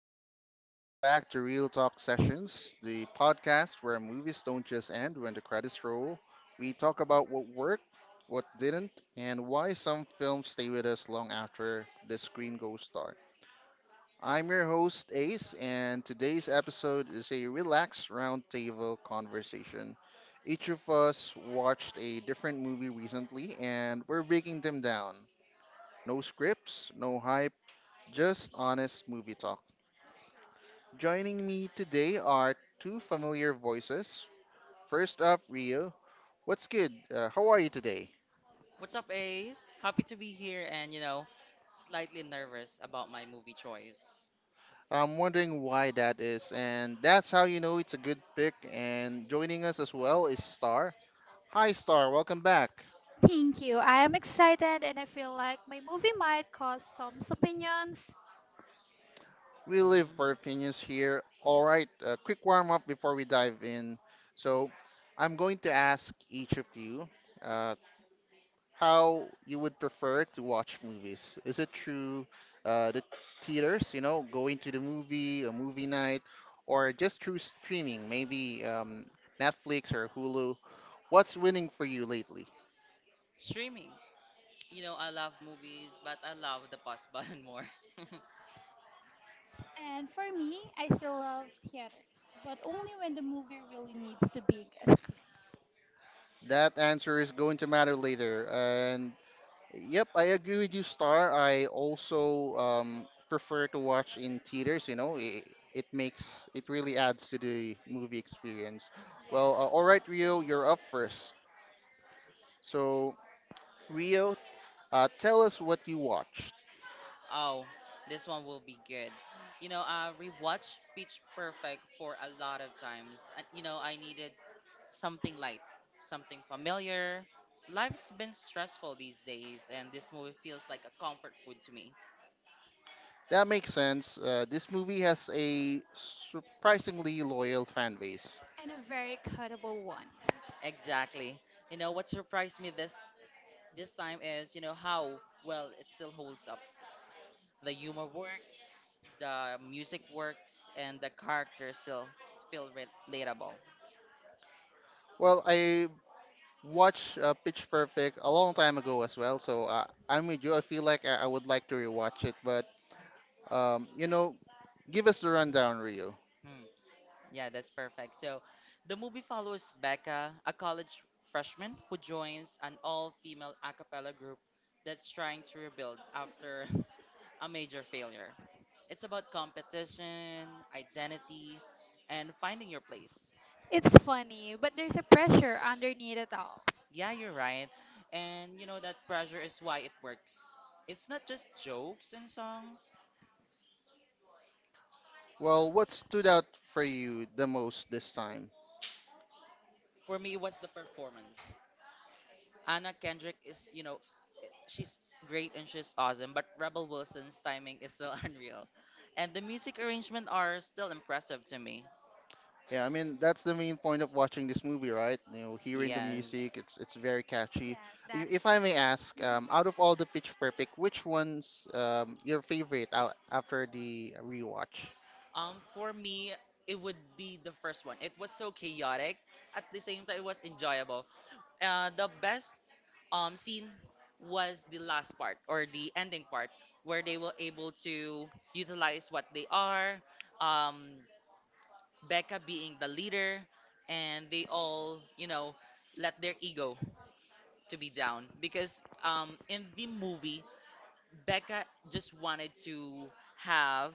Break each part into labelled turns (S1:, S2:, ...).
S1: everyone, and welcome back to Real Talk Sessions, the podcast where movies don't just end when the credits roll. We talk about what worked, what didn't, and why some films stay with us long after the screen goes dark. I'm your host, Ace, and today's episode is a relaxed roundtable conversation. Each of us watched a different movie recently, and we're breaking them down. No scripts, no hype, just honest movie talk. Joining me today are two familiar voices. First up, Rio. What's good? How are you today?
S2: What's up, Ace? Happy to be here and, you know, slightly nervous about my movie choice.
S1: I'm wondering why that is, and that's how you know it's a good pick. And joining us as well is Star. Hi, Star. Welcome back.
S2: Thank you. I am excited and I feel like my movie might cause some opinions.
S1: We live for
S2: Mm.
S1: opinions here. All right, a quick warm up before we dive in. So, I'm going to ask each of you uh, how you would prefer to watch movies. Is it through the theaters, going to the movie, a movie night, or just through streaming, maybe Netflix or Hulu? What's winning for you lately?
S2: Streaming. You know, I love movies, but I love the pause button more. And for me, I still love theaters, but only when the movie really needs to big a screen.
S1: That answer is going to matter later. And yep, I agree with you, Star. I also prefer to watch in theaters, it makes it really adds to the movie experience. Well, all right, Rio, you're up first. So, Rio, tell us what you watched.
S2: Oh, this one will be good. You know, I rewatched Pitch Perfect for a lot of times. I needed something light, something familiar. Life's been stressful these days, and this movie feels like a comfort food to me.
S1: That makes sense. This movie has a surprisingly loyal fan base.
S2: And a very cuttable one. Exactly. You know what surprised me this time is, you know, how well it still holds up. The humor works, the music works, and the characters still feel re- relatable.
S1: Well, I watched Pitch Perfect a long time ago as well, so I'm with you. I feel like I would like to rewatch it, but um, you know, give us the rundown, Rio.
S2: Hmm. Yeah, that's perfect. So the movie follows Becca, a college freshman who joins an all female a cappella group that's trying to rebuild after a major failure. It's about competition, identity, and finding your place. It's funny, but there's a pressure underneath it all. Yeah, you're right. And you know, that pressure is why it works. It's not just jokes and songs.
S1: Well, what stood out for you the most this time?
S2: For me, it was the performance. Anna Kendrick is, you know, she's great and she's awesome, but Rebel Wilson's timing is still unreal. And the music arrangement are still impressive to me.
S1: Yeah, I mean that's the main point of watching this movie, right? Hearing the
S2: Yes.
S1: music, it's very catchy.
S2: Yes, that is
S1: If I may
S2: correct.
S1: ask, out
S2: hmm
S1: of all the Pitch Perfect, which one's your favorite out after the rewatch?
S2: For me, it would be the first one. It was so chaotic. At the same time, it was enjoyable. The best scene was the last part or the ending part where they were able to utilize what they are. Um, Becca being the leader, and they all, you know, let their ego to be down because in the movie, Becca just wanted to have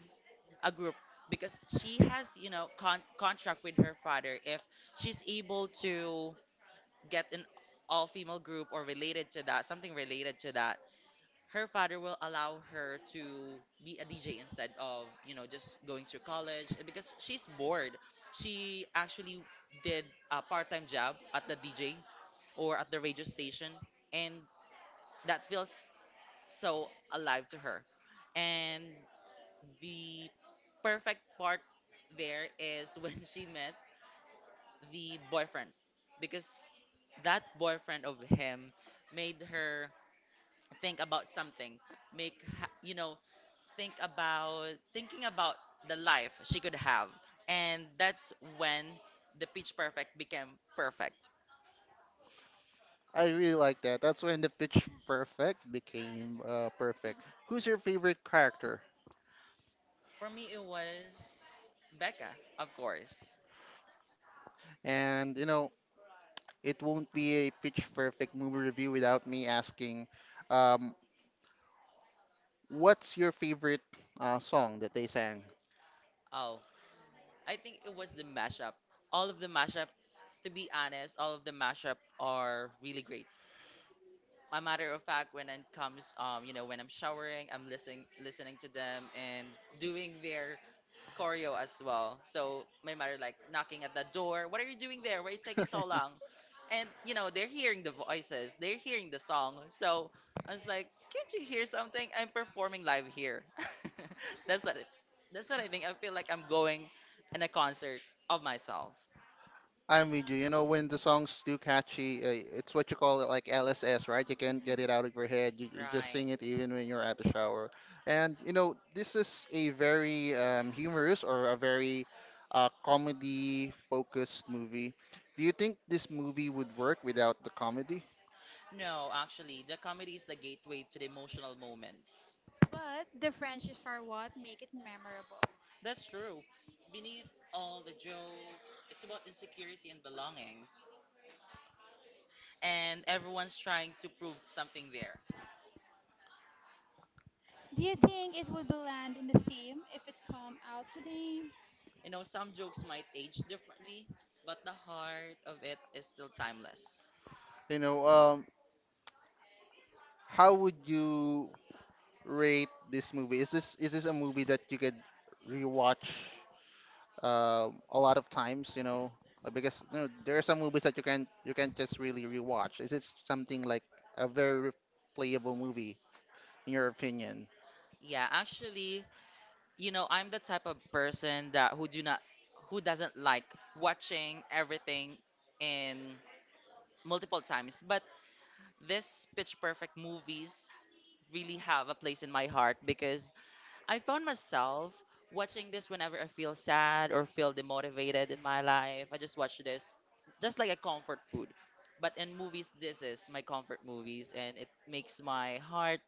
S2: a group because she has, you know, contract with her father. If she's able to get an all-female group or related to that, something related to that, her father will allow her to be a DJ instead of, you know, just going to college eh, because she's bored. She actually did a part-time job at the DJ or at the radio station, and that feels so alive to her. And the perfect part there is when she met the boyfriend, because that boyfriend of him made her think about something, make you know, think about thinking about the life she could have. And that's when the Pitch Perfect became perfect.
S1: I really like that. That's when the Pitch Perfect became perfect. Who's your favorite character?
S2: For me, it was Becca, of course.
S1: And it won't be a Pitch Perfect movie review without me asking, um, what's your favorite song that they sang?
S2: Oh, I think it was the mashup. All of the mashup, to be honest, all of the mashup are really great. A matter of fact, when it comes, you know, when I'm showering, I'm listening to them and doing their choreo as well. So my mother like knocking at the door, "What are you doing there? Why are you taking so long?" And you know, they're hearing the voices, they're hearing the song. So I was like, "Can't you hear something? I'm performing live here." That's what it, that's what I think. I feel like I'm going in a concert of myself.
S1: I'm with you. When the song's too catchy, it's what you call it like LSS, right? You can't get it
S2: Mhm.
S1: out of your head. You just sing it
S2: Right.
S1: even when you're at the shower. And, this is a very humorous or a very comedy focused movie. Do you think this movie would work without the comedy?
S2: No, actually, the comedy is the gateway to the emotional moments. But the French is for what make it memorable. That's true. Beneath all the jokes, it's about insecurity and belonging, and everyone's trying to prove something there. Do you think it would be land in the same if it come out today? You know, some jokes might age differently, but the heart of it is still timeless.
S1: You know, um, how would you rate this movie? Is this a movie that you could rewatch a lot of times, because there are some movies that you can't just really rewatch. Is it something like a very replayable movie in your opinion?
S2: Yeah, actually, you know, I'm the type of person that who do not who doesn't like watching everything in multiple times, but this Pitch Perfect movies really have a place in my heart, because I found myself watching this whenever I feel sad or feel demotivated in my life. I just watch this just like a comfort food. But in movies, this is my comfort movies, and it makes my heart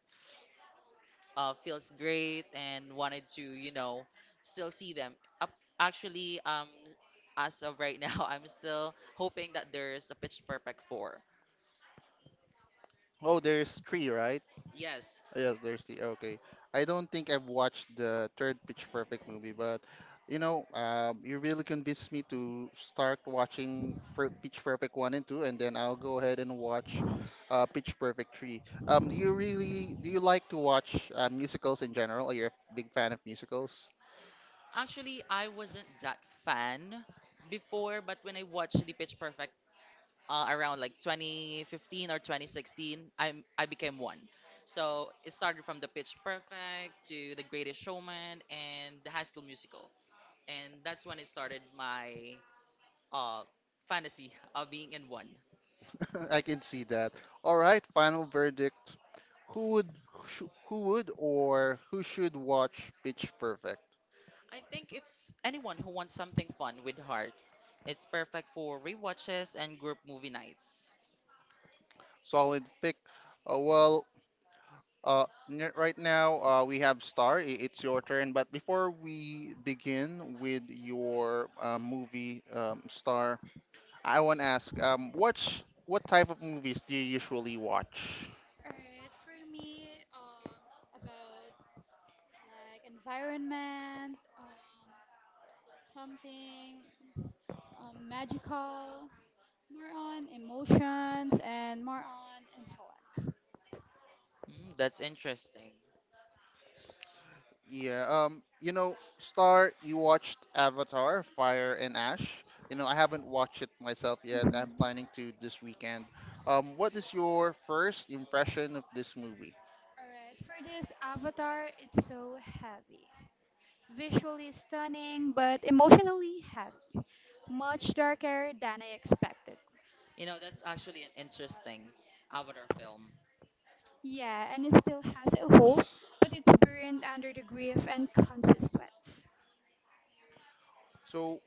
S2: feels great and wanted to, you know, still see them. Up, actually, as of right now, I'm still hoping that there's a Pitch Perfect 4.
S1: Oh, there's three, right?
S2: Yes,
S1: Yes, there's the okay. I don't think I've watched the third Pitch Perfect movie, but you really convinced me to start watching Pitch Perfect one and two, and then I'll go ahead and watch Pitch Perfect three. Do you like to watch musicals in general? Are you a big fan of musicals?
S2: actually, I wasn't that fan before, but when I watched the Pitch Perfect around like 2015 or 2016, I became one. So it started from the Pitch Perfect to the Greatest Showman and the High School Musical, and that's when it started my uh, fantasy of being in one.
S1: I can see that. All right, final verdict. Who would who sh who would or who should watch Pitch Perfect?
S2: I think it's anyone who wants something fun with heart. It's perfect for rewatches and group movie nights.
S1: Solid pick. Well, right now, we have Star. It's your turn. But before we begin with your movie, Star, I want to ask, what type of movies do you usually watch?
S2: Alright, for me, about like environment, something magical, more on emotions and more on intellect. Mm, that's interesting.
S1: Yeah, Star, you watched Avatar, Fire and Ash. I haven't watched it myself
S2: Mhm.
S1: yet. I'm
S2: Alright,
S1: planning to this weekend. What is your first impression of this movie?
S2: for this avatar, it's so heavy. Visually stunning, but emotionally heavy. Much darker than I expected. You know, that's actually an interesting Avatar film. Yeah, and it still has a hope, but it's buried under the grief and conscious sweats.
S1: So,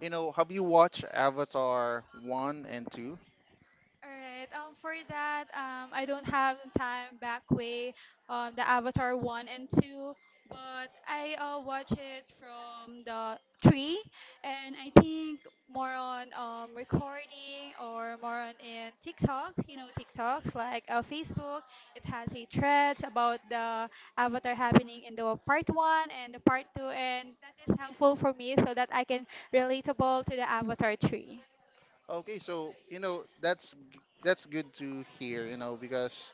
S1: have you watched Avatar 1 and 2?
S2: All right. For that, I don't have time back way on the Avatar one and two, but I watch it from the three, and I think more on recording or more on in TikToks. You know, TikToks like Facebook. It has a threads about the Avatar happening in the part one and the part two, and that is helpful for me so that I can relatable to the Avatar three.
S1: Okay, so that's good to hear, because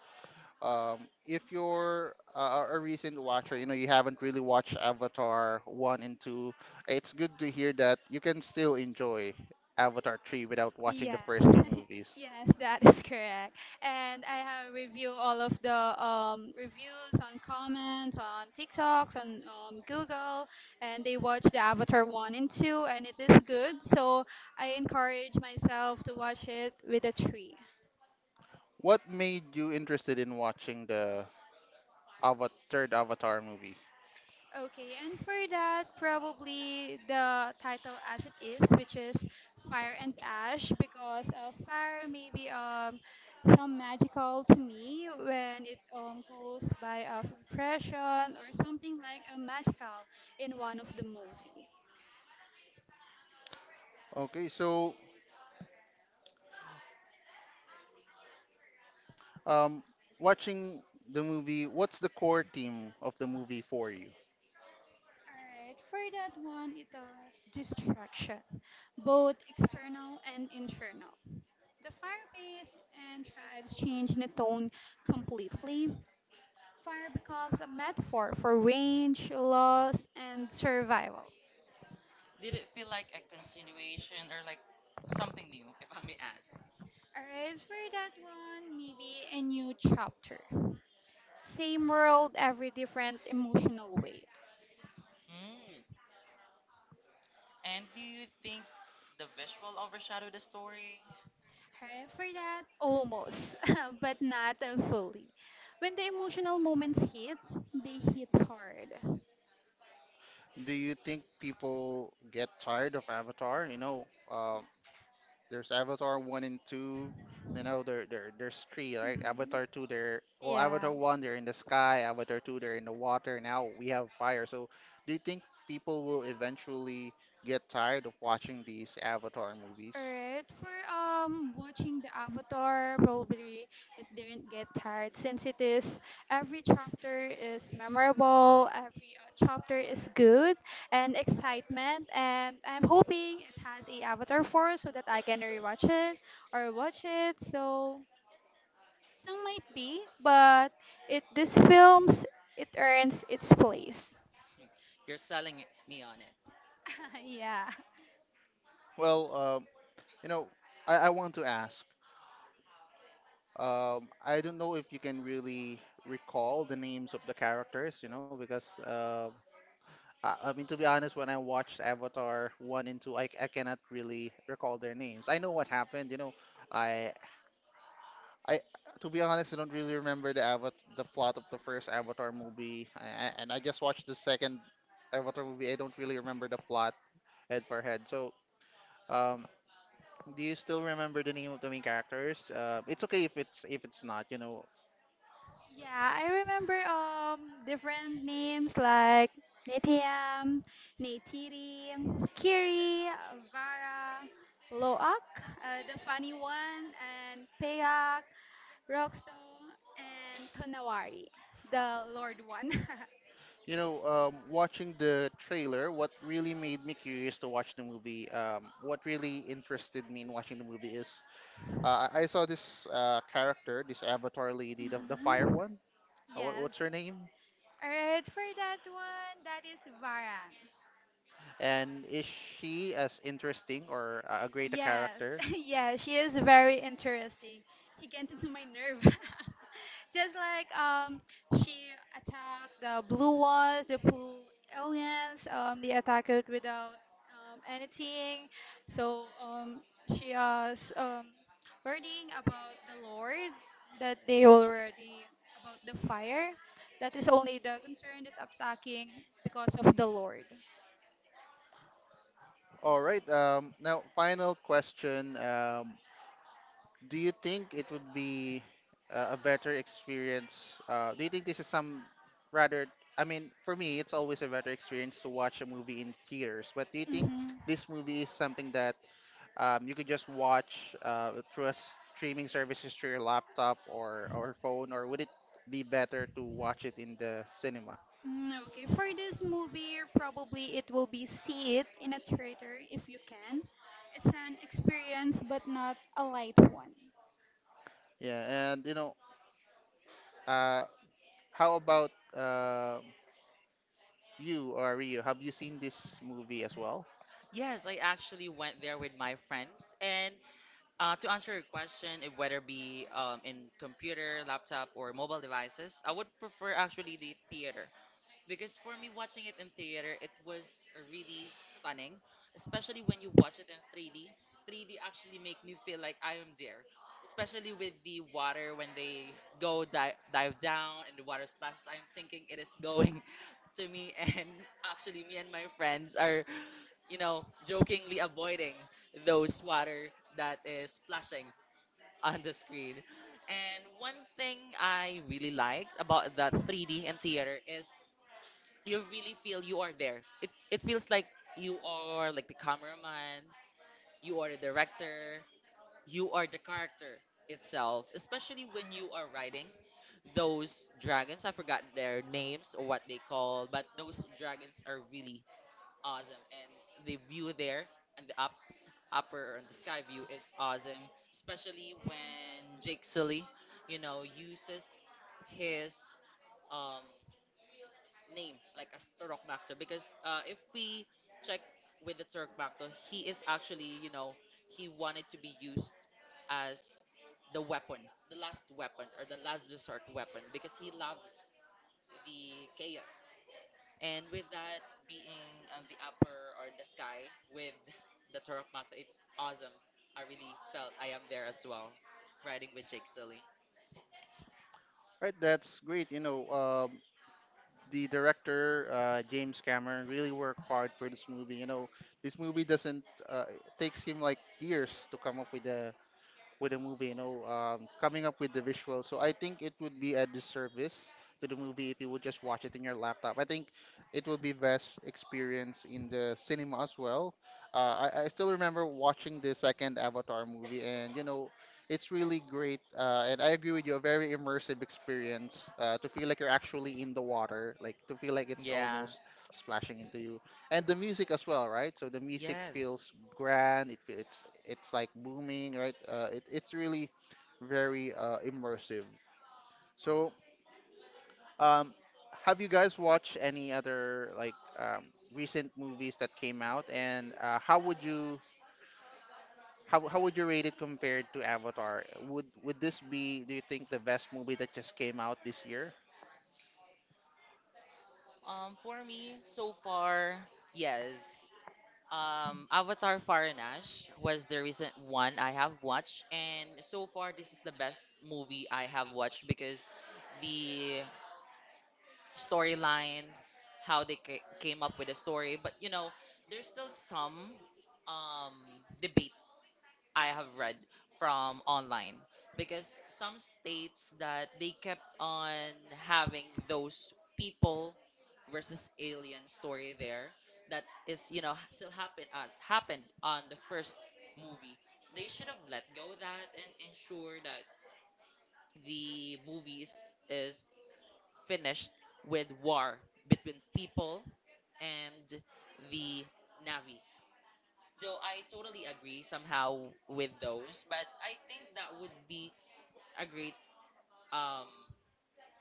S1: if you're a recent watcher, you haven't really watched Avatar one and two, it's good to hear that you can still enjoy Avatar three without watching the
S2: Yes,
S1: first two movies.
S2: yes, that is correct. And I have review all of the reviews on comments on TikToks on Google, and they watch the Avatar one and two, and it is good. So I encourage myself to watch it with a tree.
S1: What made you interested in watching the Ava third Avatar movie?
S2: Okay, and for that, probably the title as it is, which is Fire and Ash, because fire may be some magical to me when it goes by a impression or something like a magical in one of the movie.
S1: Okay, so um, watching the movie, what's the core theme of the movie for you?
S2: Alright, for that one, it does destruction, both external and internal. The fire base and tribes change in a tone completely. Fire becomes a metaphor for range, loss, and survival. Did it feel like a continuation or like something new, if I may ask? Alright, for that one, maybe a new chapter. Same world, every different emotional weight. Mm. And do you think the visual overshadowed the story? Alright, for that, almost, but not fully. When the emotional moments hit, they hit hard.
S1: Do you think people get tired of Avatar? There's Avatar one and two. There's three, right?
S2: Mhm.
S1: Avatar two, they're well, Avatar
S2: Yeah.
S1: one, they're in the sky. Avatar two, they're in the water. Now we have fire. So, do you think people will eventually get tired of watching these Avatar movies?
S2: Alright, for watching the Avatar, probably it didn't get tired since it is every chapter is memorable, every chapter is good and excitement, and I'm hoping it has a Avatar 4 so that I can rewatch it or watch it. So some might be, but it this films it earns its place. You're selling me on it. Yeah.
S1: Well, you know, I want to ask. I don't know if you can really recall the names of the characters, because I mean, to be honest, when I watched Avatar one and two, I cannot really recall their names. I know what happened. I I To be honest, I don't really remember the Avat the plot of the first Avatar movie, and I just watched the second Avatar movie. I don't really remember the plot head for head. So, um, do you still remember the name of the main characters? It's okay if it's not.
S2: Yeah, I remember different names like Netiam, Neytiri, Kiri, Vara, Loak, the funny one, and Peak, Roxo, and Tonawari, the Lord one.
S1: Watching the trailer, what really made me curious to watch the movie, what really interested me in watching the movie is I saw this character, this avatar lady, the fire
S2: hmm
S1: one. What's
S2: Yes.
S1: her name?
S2: All right, for that one, that is Vara.
S1: And is she as interesting or a greater
S2: Yes,
S1: character?
S2: yeah, she is very interesting. He get into my nerve. Just like she attacked the blue ones, the blue aliens. They attacked it without anything. So she was learning about the Lord that they already about the fire. That is only the concern that attacking because of the Lord.
S1: All right. Now, final question. Do you think it would be a better experience? Do you think this is some rather? I mean, for me, it's always a better experience to watch a movie in theaters. But do you think
S2: Mhm.
S1: this movie is something that you could just watch through a streaming services through your laptop or phone, or would it be better to watch it in the cinema?
S2: Mm, okay, for this movie, probably it will be see it in a theater if you can. It's an experience, but not a light one.
S1: Yeah, and uh, how about uh, you or Rio? Have you seen this movie as well?
S2: Yes, I actually went there with my friends. And to answer your question, if whether be in computer, laptop, or mobile devices, I would prefer actually the theater. Because for me, watching it in theater, it was really stunning, especially when you watch it in 3D. 3D actually make me feel like I am there, especially with the water when they go dive down and the water splashes. I'm thinking it is going to me, and actually, me and my friends are, you know, jokingly avoiding those water that is splashing on the screen. And one thing I really liked about the 3D and theater is you really feel you are there. It feels like you are like the cameraman, you are the director, you are the character itself, especially when you are riding those dragons. I forgot their names or what they call, but those dragons are really awesome, and the view there and the up upper and the sky view is awesome, especially when Jake Sully, you know, uses his um name like as Turok, because if we check with the Turok, he is actually, you know, he wanted to be used as the weapon, the last weapon or the last resort weapon, because he loves the chaos. And with that, being on the upper or in the sky with the Turok, it's awesome. I really felt I am there as well, riding with Jake Sully.
S1: Right, that's great. The director James Cameron really worked hard for this movie. This movie doesn't it takes him like years to come up with the movie, coming up with the visuals. So I think it would be a disservice to the movie if you would just watch it in your laptop. I think it would be best experience in the cinema as well. I still remember watching the second Avatar movie, and it's really great. And I agree with you, a very immersive experience to feel like you're actually in the water, like to feel like it's
S2: Yeah.
S1: almost splashing into you and the music as well, right? So the music
S2: Yes.
S1: feels grand. It's like booming, right? It's really very immersive. So um, have you guys watched any other like recent movies that came out? And how how would you rate it compared to Avatar? Would this be do you think the best movie that just came out this year?
S2: For me, so far, yes. Avatar Faranash was the recent one I have watched, and so far this is the best movie I have watched because the storyline, how they came up with the story. But you know, there's still some um debate I have read from online because some states that they kept on having those people versus alien story there that is, you know, still happened on the first movie. They should have let go that and ensure that the movies is finished with war between people and the navi Joe. I totally agree somehow with those, but I think that would be a great um,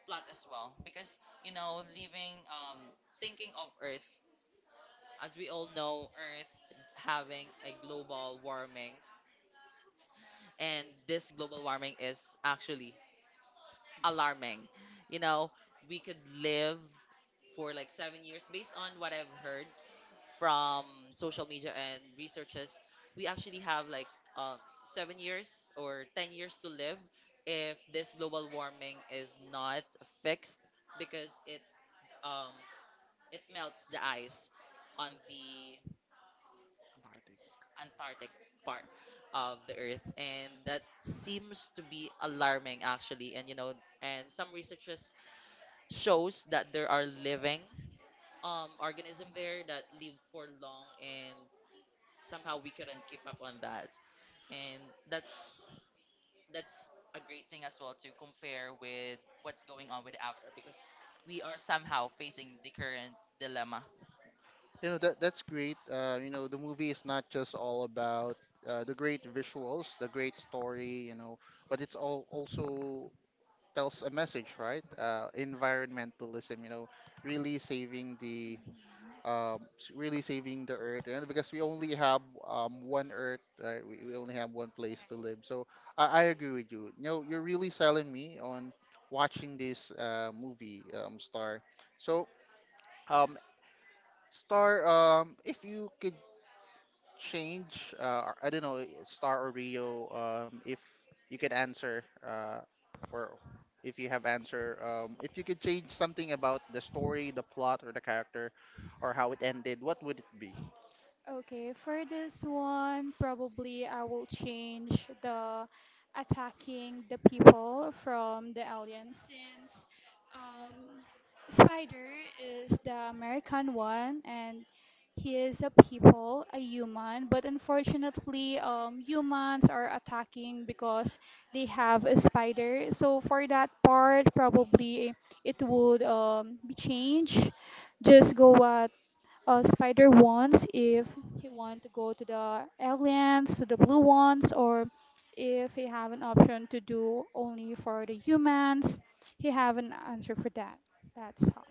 S2: plot as well because, you know, living, thinking of Earth, as we all know, Earth having a global warming, and this global warming is actually alarming. You know, we could live for like 7 years based on what I've heard from social media and researches. We actually have like um, 7 years or 10 years to live if this global warming is not fixed because um, it melts the ice on the Antarctic part of the earth, and that seems to be alarming actually. And you know, and some researchers shows that there are living organism there that live for long, and somehow we couldn't keep up on that. And that's that's a great thing as well to compare with what's going on with Avatar because we are somehow facing the current dilemma.
S1: You know, that's great. The movie is not just all about the great visuals, the great story, but it's all also tells a message, right? Environmentalism, really saving the really saving the earth, and because we only have one earth, right? We only have one place to live. So I agree with you. You're really selling me on watching this movie, Star. So um, Star, if you could change? I don't know, Star or Rio. If you could answer, or if you have answer, if you could change something about the story, the plot, or the character, or how it ended, what would it be?
S2: Okay, for this one, probably I will change the attacking the people from the aliens. Since um, Spider is the American one and he is a people, a human, but unfortunately, humans are attacking because they have a spider. So for that part, probably it would be changed. Just go Spider wants, if he want to go to the aliens, to the blue ones, or if he have an option to do only for the humans, he have an answer for that. That's all.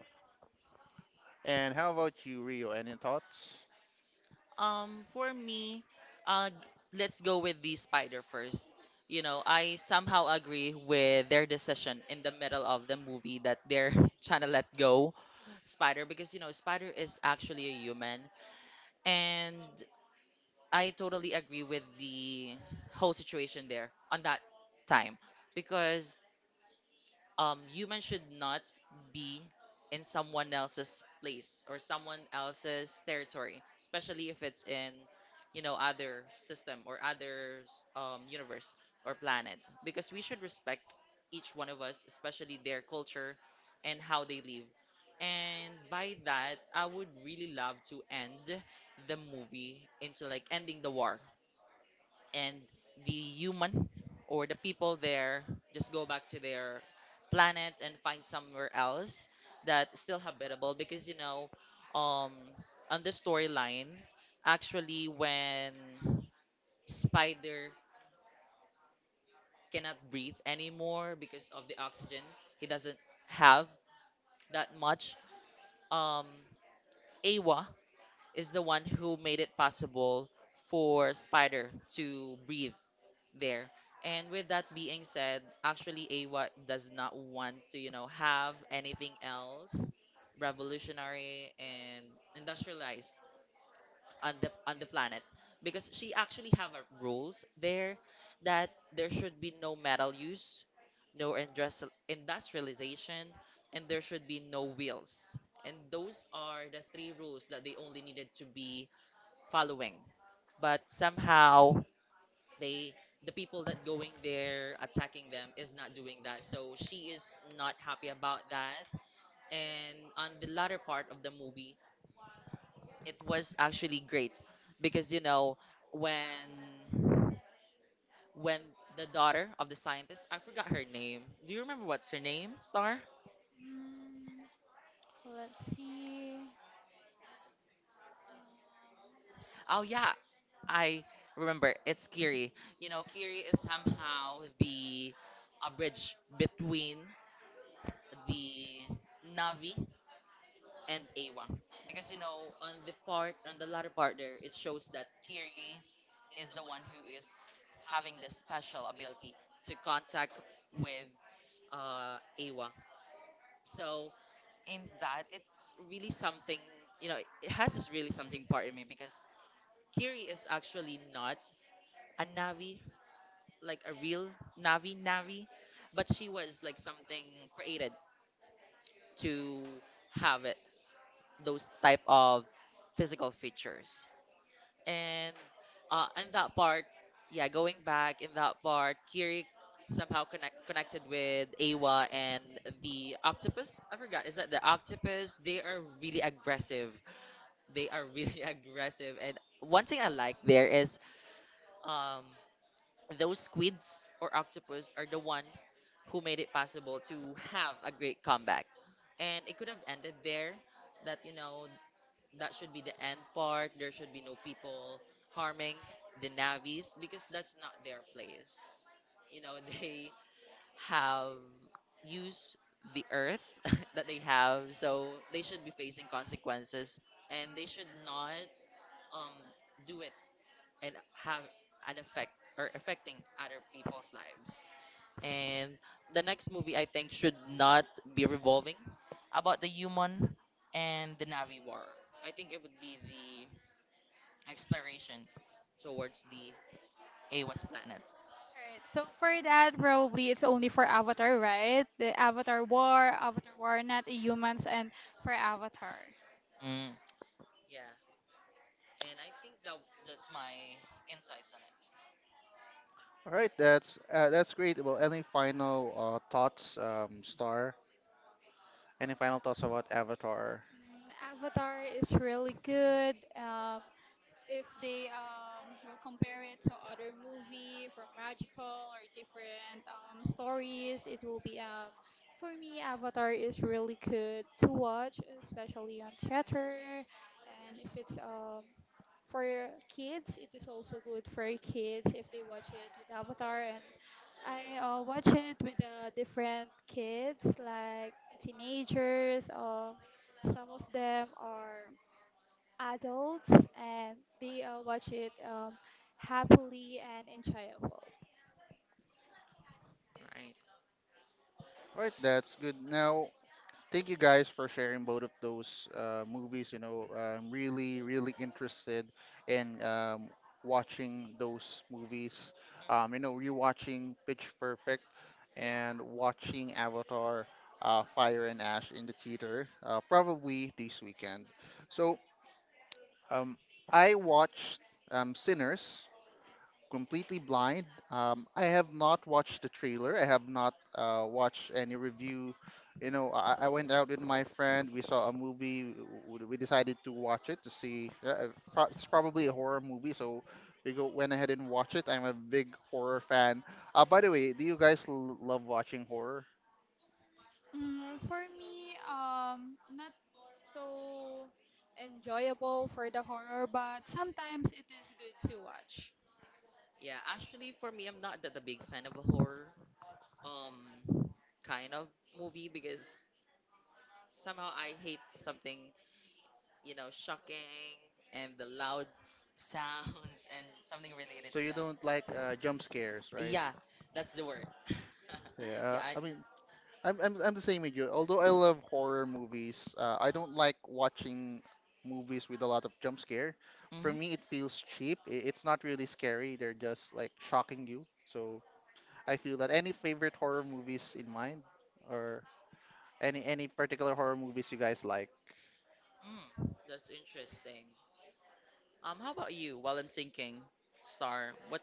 S1: And how about you, Rio? Any thoughts?
S2: For me, uh, g- let's go with the spider first. You know, I somehow agree with their decision in the middle of the movie that they're trying to let go spider because, you know, spider is actually a human. And I totally agree with the whole situation there on that time because humans should not be in someone else's place or someone else's territory, especially if it's in, you know, other system or other universe or planet, because we should respect each one of us, especially their culture and how they live. And by that, I would really love to end the movie into like ending the war, and the human or the people there just go back to their planet and find somewhere else that is still habitable because, you know, um on the storyline, actually when spider cannot breathe anymore because of the oxygen, he doesn't have that much, um Awa is the one who made it possible for spider to breathe there. And with that being said, actually AWA does not want to, you know, have anything else revolutionary and industrialized on the planet because she actually have a rules there that there should be no metal use, no industrialization, and there should be no wheels. And those are the three rules that they only needed to be following. But somehow they the people that going there attacking them is not doing that, so she is not happy about that. And on the latter part of the movie, it was actually great because, you know, when when the daughter of the scientist, I forgot her name. Do you remember what's her name, Star? Mm, let's see. Oh yeah, I remember. It's Kiri. You know, Kiri is somehow the a bridge between the Navi and Awa. Because you know, on the latter part there, it shows that Kiri is the one who is having the special ability to contact with uh Awa. So in that, it's really something. You know, it has this really something part in me because Kiri is actually not a Navi, like a real Navi Navi, but she was like something created to have it, those type of physical features. And in that part, yeah, going back in that part, Kiri somehow connected with Awa and the octopus. I forgot, is that the octopus? They are really aggressive. They are really aggressive. And one thing I like there is, um, those squids or octopus are the one who made it possible to have a great comeback. And it could have ended there. That, you know, that should be the end part. There should be no people harming the Navis because that's not their place. You know, they have used the earth that they have, so they should be facing consequences, and they should not um, do it and have an effect or affecting other people's lives. And the next movie, I think, should not be revolving about the human and the Navi war. I think it would be the exploration towards the Awas planet. Alright, so for that, probably it's only for Avatar, right? The Avatar War, not humans, and for Avatar. Mm. Yeah, and I think that's my insights on it.
S1: All right, that's great. Well, any final thoughts, Star? Any final thoughts about Avatar?
S2: Avatar is really good. If they will compare it to other movie from magical or different stories, it will be, for me Avatar is really good to watch, especially on theater. And if it's, for kids, it is also good for kids if they watch it with Avatar. And I watch it with different kids, like teenagers, or some of them are adults, and they watch it happily and enjoyable. Right.
S1: All right, that's good. Now, thank you guys for sharing both of those movies. I'm really, really interested in watching those movies.
S2: Mhm.
S1: Rewatching Pitch Perfect and
S2: Yeah.
S1: watching Avatar Fire and Ash in the theater, probably this weekend. So, um, I watched Sinners completely blind. I have not watched the trailer. I have not watched any review. I went out with my friend. We saw a movie. We decided to watch it to see. It's probably a horror movie, so we go went ahead and watch it. I'm a big horror fan. By the way, do you guys love watching horror?
S2: For me, not so enjoyable for the horror, but sometimes it is good to watch. Yeah, actually, for me, I'm not that a big fan of a horror um kind of movie because somehow I hate something, you know, shocking and the loud sounds and something related
S1: So
S2: to
S1: you
S2: that.
S1: don't like jump scares, right?
S2: Yeah, that's the word. Yeah,
S1: Yeah.
S2: I...
S1: I mean, I'm the same with you. Although I love horror movies, I don't like watching movies with a lot of jump scare. For
S2: Mhm.
S1: me, it feels cheap. It's not really scary. They're just like shocking you. So I feel that any favorite horror movies in mind, or any particular horror movies you guys like.
S2: That's interesting. How about you? While I'm thinking, Star, what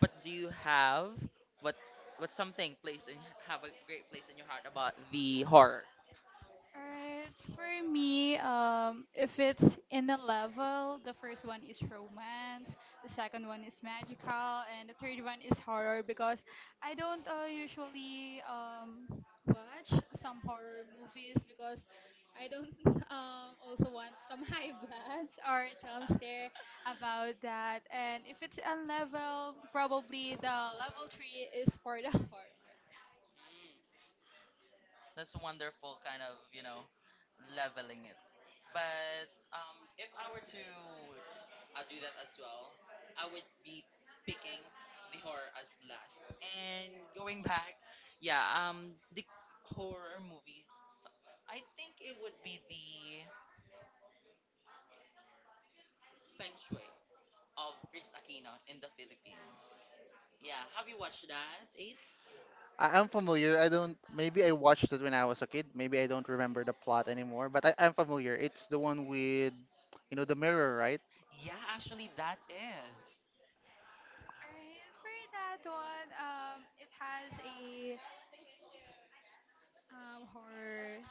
S2: what do you have? What what something place in have a great place in your heart about the horror? Alright, for me, if it's in a level, the first one is romance, the second one is magical, and the third one is horror because I don't usually watch some horror movies because I don't also want some high bloods or jump scare about that. And if it's a level, probably the level three is for the horror. That's wonderful, kind of, you know, leveling it. But if I were to do that as well, I would be picking the horror as last. And going back, yeah, the horror movie, I think it would be the Feng Shui of Chris Aquino in the Philippines. Yeah, have you watched that, Ace?
S1: I'm familiar. I don't. Maybe I watched it when I was a kid. Maybe I don't remember the plot anymore. But I'm familiar. It's the one with, you know, the mirror, right?
S2: Yeah, actually, that is. Alright, for that one, it has a horror.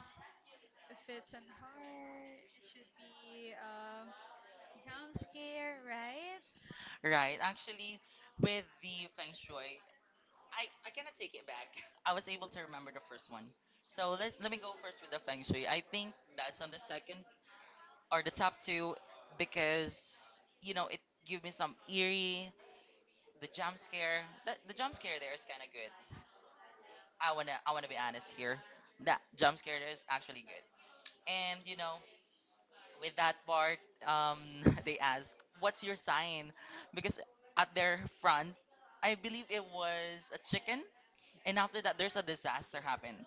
S2: If it's an horror, it should be jump scare, right? Right. Actually, with the Feng Shui, I cannot take it back. I was able to remember the first one. So let me go first with the Feng Shui. I think that's on the second or the top two because, you know, it gave me some eerie, the jump scare. The jump scare there is kind of good. I wanna be honest here. That jump scare is actually good. And you know, with that part, um, they ask, "What's your sign?" Because at their front, I believe it was a chicken. And after that, there's a disaster happened.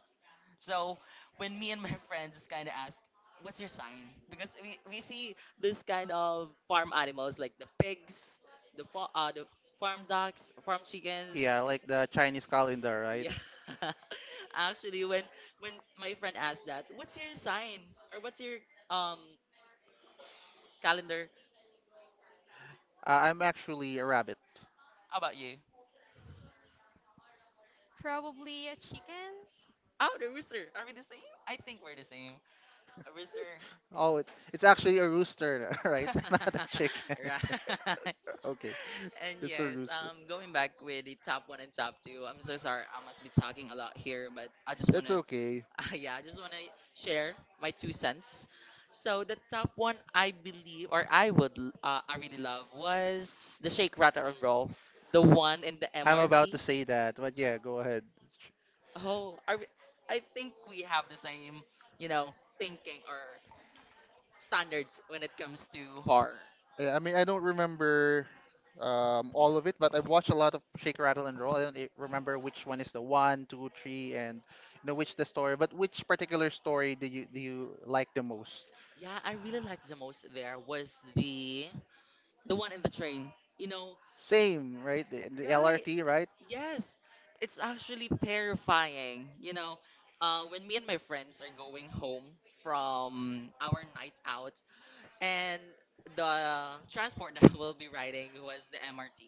S2: So when me and my friends kind of ask, "What's your sign?" Because we see this kind of farm animals like the pigs, the farm ducks, farm chickens,
S1: Yeah, like the Chinese calendar, right?
S2: yeah. Actually, when my friend asked that, what's your sign or what's your um calendar?
S1: I'm actually a rabbit.
S2: How about you? Probably a chicken. Oh, the rooster. Are we the same? I think we're the same. A rooster.
S1: Oh, it, it's actually a rooster, right? Not a chicken.
S2: Right.
S1: Okay,
S2: And
S1: it's a
S2: yes,
S1: rooster.
S2: going back with the top one and top two, I'm so sorry. I must be talking a lot here, but I just want
S1: That's okay.
S2: to yeah, I just want to share my two cents. So the top one I believe, or I really love, was the Shake Rattle and Roll, the one in the
S1: I'm about to
S2: MRT.
S1: say that, but yeah, go ahead.
S2: Oh, I think we have the same, you know, thinking or standards when it comes to horror.
S1: Yeah, I mean, I don't remember all of it, but I've watched a lot of Shake, Rattle, and Roll. I don't remember which one is the one, two, three, and you know which the story. But which particular story do you like the most?
S2: Yeah, I really liked the most there was the one in the train. You know,
S1: Same, right? The
S2: right?
S1: LRT, right?
S2: Yes, it's actually terrifying. You know, when me and my friends are going home from our night out, and the transport that we'll be riding was the MRT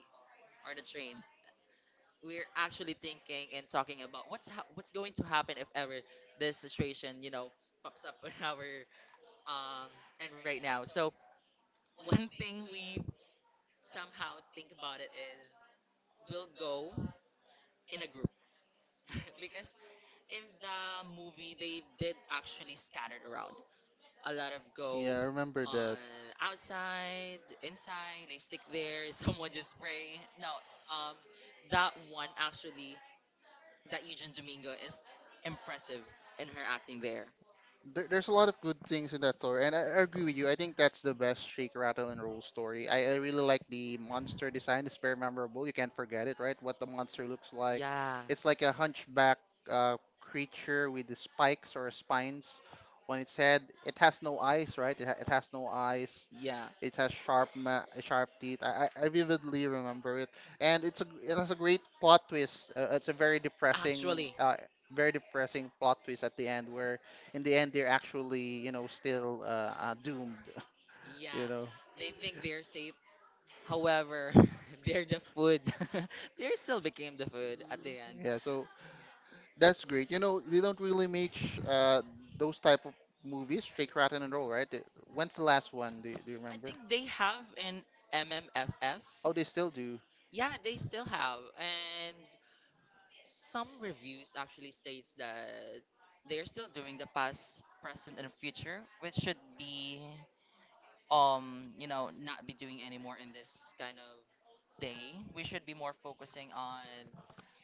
S2: or the train. We're actually thinking and talking about what's going to happen if ever this situation, you know, pops up on our um and right now. So one thing we somehow think about it is we'll go in a group because in the movie they did actually scattered around a lot of
S1: Yeah,
S2: go
S1: I remember
S2: on
S1: that.
S2: outside inside they stick there someone just spray no um that one actually, that Eugene Domingo is impressive in her acting there,
S1: There's a lot of good things in that story, and I agree with you. I think that's the best Shake, Rattle, and Roll story. I really like the monster design. It's very memorable. You can't forget it, right? What the monster looks like.
S2: yeah,
S1: It's like a hunchback creature with the spikes or spines on its head. It has no eyes, right? It has no eyes.
S2: yeah,
S1: It has sharp teeth. I vividly remember it, and it's a it has a great plot twist. It's a
S2: actually,
S1: very depressing plot twist at the end, where in the end they're actually you know still doomed.
S2: yeah,
S1: You know,
S2: they think they're safe, however they're the food, they still became the food at the end.
S1: yeah. So that's great. You know, they don't really make sh those type of movies, Shake, Rattle, and Roll, right? When's the last one? Do you
S2: I
S1: remember?
S2: think they have an MMFF.
S1: Oh, they still do.
S2: Yeah, they still have. And some reviews actually states that they're still doing the past, present, and future, which should be, you know, not be doing anymore in this kind of day. We should be more focusing on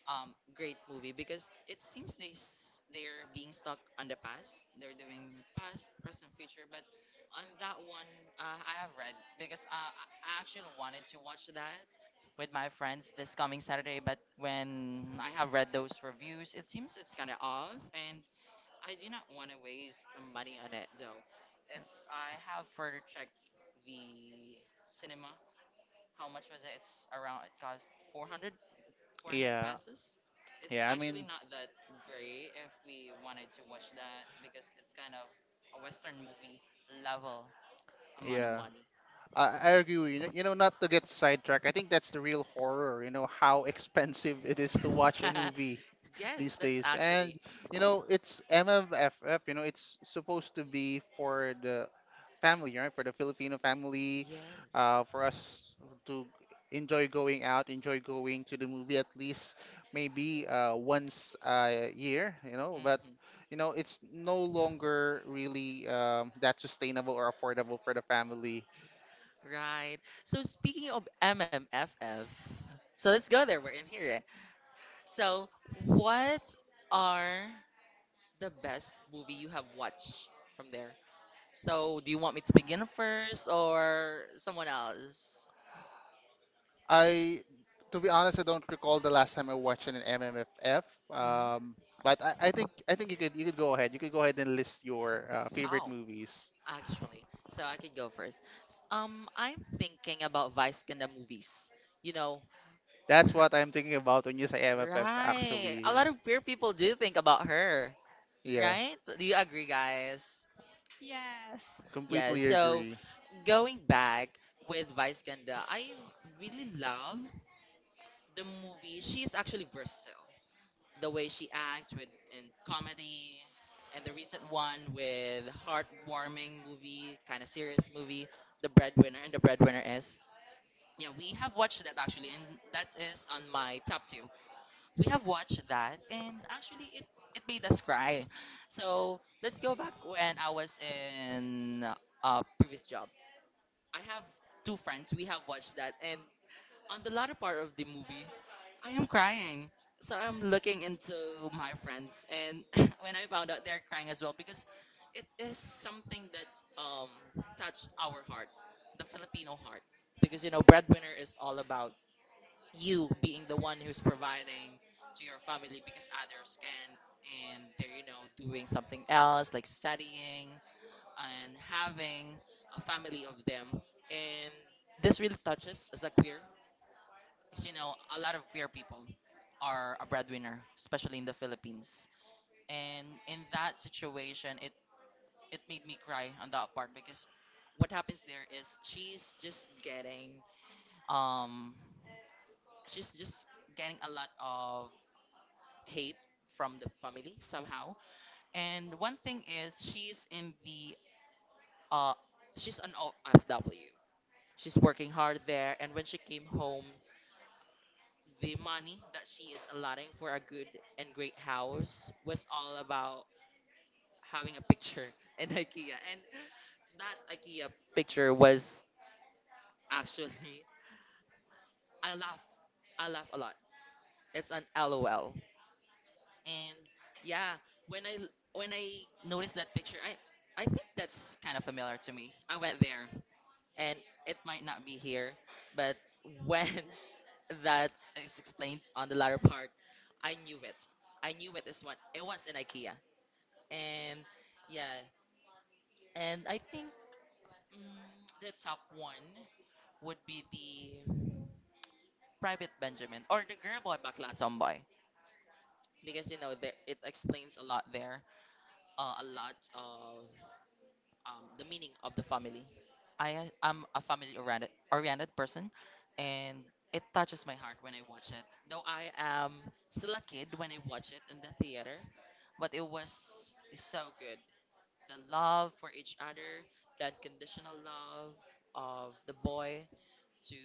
S2: great movie because it seems they're being stuck on the past. They're doing past, present, future, but on that one, I have read because I actually wanted to watch that with my friends this coming Saturday, but when I have read those reviews, it seems it's kind of off and I do not want to waste some money on it though. It's I have further checked the cinema. How much was it? It's around, it cost $400, 400
S1: Yeah,
S2: pesos. It's
S1: yeah. I
S2: actually
S1: mean,
S2: not that great if we wanted to watch that because it's kind of a Western movie level amount of
S1: yeah.
S2: money.
S1: I agree with you. You know, not to get sidetracked, I think that's the real horror, you know, how expensive it is to watch a movie
S2: Yes,
S1: these
S2: that's
S1: days. And,
S2: actually.
S1: you know, it's MMFF, you know, it's supposed to be for the family, right? For the Filipino family,
S2: Yes.
S1: for us to enjoy going out, enjoy going to the movie at least maybe once a year, you know, but.
S2: Hmm.
S1: You know, it's no longer really that sustainable or affordable for the family.
S2: Right. So speaking of MMFF, so let's go there. We're in here, eh? So, what are the best movie you have watched from there? So, do you want me to begin first or someone else?
S1: I, to be honest, I don't recall the last time I watched an MMFF.
S2: Mm-hmm.
S1: Um, but I think you could go ahead. You could go ahead and list your favorite
S2: Oh,
S1: movies.
S2: actually, so I could go first. I'm thinking about Vice in the movies. You know,
S1: That's
S2: her-
S1: what I'm thinking about when you say MFF.
S2: right?
S1: Actually,
S2: A lot of queer people do think about her,
S1: yeah,
S2: right? Do you agree, guys? Yes. Yeah,
S1: completely
S2: so
S1: agree.
S2: going back with Vice Ganda, I really love the movie. She's actually versatile, the way she acts with in comedy and the recent one with heartwarming movie, kind of serious movie, The Breadwinner. And The Breadwinner is. Yeah, we have watched that actually and that is on my top 2. We have watched that and actually it made us cry. So, let's go back when I was in a previous job. I have two friends we have watched that and on the latter part of the movie, I am crying. So I'm looking into my friends, and when I found out they're crying as well, because it is something that, touched our heart, the Filipino heart. Because, you know, breadwinner is all about you being the one who's providing to your family because others can, and they're, you know, doing something else like studying and having a family of them. And this really touches as a queer, as you know, a lot of queer people are a breadwinner, especially in the Philippines. And in that situation, it made me cry on that part because what happens there is um she's just getting a lot of hate from the family somehow. And one thing is, she's in the uh she's an OFW. She's working hard there and when she came home, the money that she is allotting for a good and great house was all about having a picture in IKEA. And that IKEA picture was actually, I laugh I laugh a lot. It's an LOL. And yeah, when I when I noticed that picture, I think that's kind of familiar to me. I went there and it might not be here, but when that is explained on the latter part. I knew it. I knew it. This one. It was in IKEA, and yeah, and I think, mm, the top one would be the Private Benjamin or the Girl Boy Bakla Tomboy because you know there, it explains a lot there. A lot of, the meaning of the family. I am a family oriented person, and it touches my heart when I watch it. Though I am still a kid when I watch it in the theater, but it was so good. The love for each other, the unconditional love of the boy to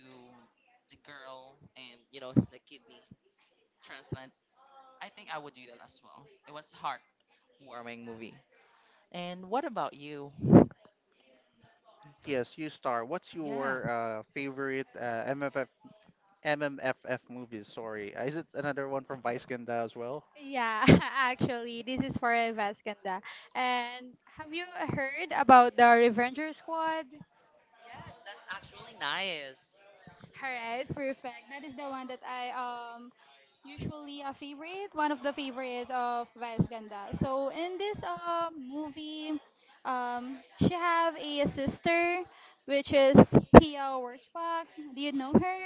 S2: the girl, and you know the kidney transplant. I think I would do that as well. It was a heartwarming movie. And what about you? S-
S1: Yes, you star. What's
S2: Yeah.
S1: your favorite MFF movies? Sorry. Is it another one from Vice Ganda as well?
S2: Yeah, actually, this is for Vascanda. And have you heard about the Revenger Squad? Yes, that's actually nice. All right, perfect. That is the one that I usually a favorite, one of the favorite of Vice Ganda. So in this movie, um she have a sister which is Pia Wurchbach. Do you know her?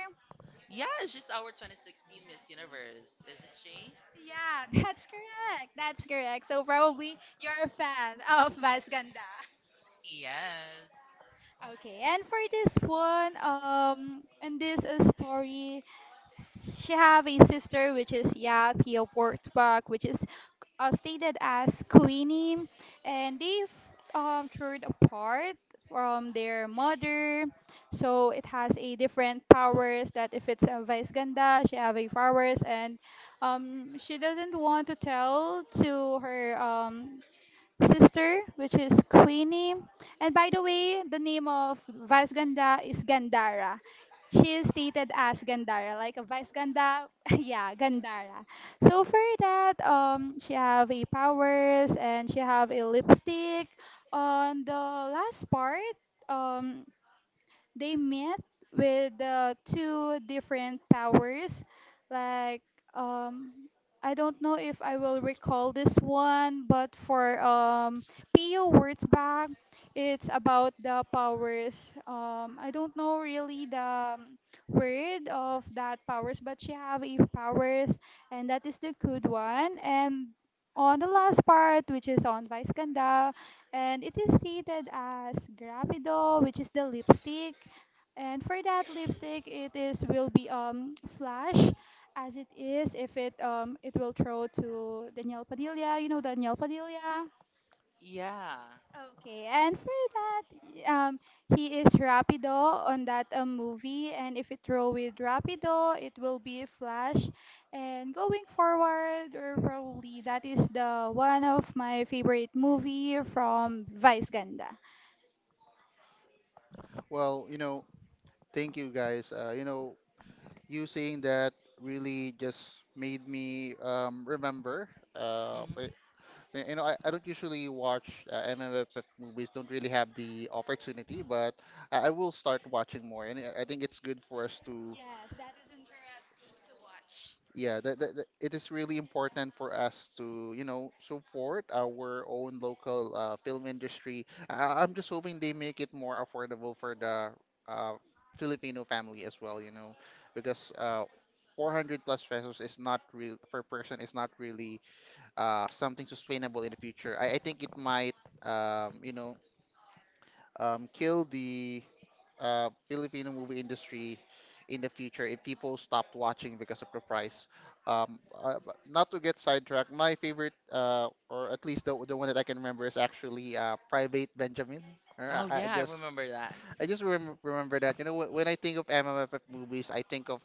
S2: Yeah, she's our 2016 Miss Universe, isn't she? Yeah, that's correct. That's correct. So probably you're a fan of Vice Ganda. Yes. Okay, and for this one, and this, story, she have a sister which is, yeah, Pia Portbach, which is, stated as Queenie, and they've, toured apart from their mother. So it has a different powers that if it's a Vice Ganda, she have a powers, and, she doesn't want to tell to her, sister, which is Queenie. And by the way, the name of Vice Ganda is Gandara. She is stated as Gandara, like a Vice Ganda, yeah, Gandara. So for that, she have a powers and she have a lipstick. On the last part, um, they met with, two different powers. Like, um, I don't know if I will recall this one, but for, PU words back, it's about the powers. I don't know really the, word of that powers, but she have a powers, and that is the good one. And on the last part, which is on Vice Ganda, and it is stated as Gravido, which is the lipstick and for that lipstick, it is will be flash, as it is if it will throw to Daniel Padilla. You know Daniel Padilla. Yeah. Okay, and for that, um, he is Rapido on that, movie, and if it throw with Rapido, it will be Flash. And going forward, or probably that is the one of my favorite movie from Vice Ganda.
S1: Well, you know, thank you guys. You know, you saying that really just made me remember. Uh, I-
S2: Hmm.
S1: I- you know, I don't usually watch MMFF movies, don't really have the opportunity, but I will start watching more. And I think it's good for us to
S2: Yes, that is interesting to watch.
S1: yeah, it is really important for us to, you know, support our own local film industry. I'm just hoping they make it more affordable for the uh, Filipino family as well, you know, because 400 plus pesos is not real per person is not really something sustainable in the future. I think it might, you know, kill the Filipino movie industry in the future if people stopped watching because of the price. But not to get sidetracked, my favorite, or at least the one that I can remember, is actually Private Benjamin. Or
S2: Oh, yeah, I remember that.
S1: I just remember that. You know, when I think of MMFF movies, I think of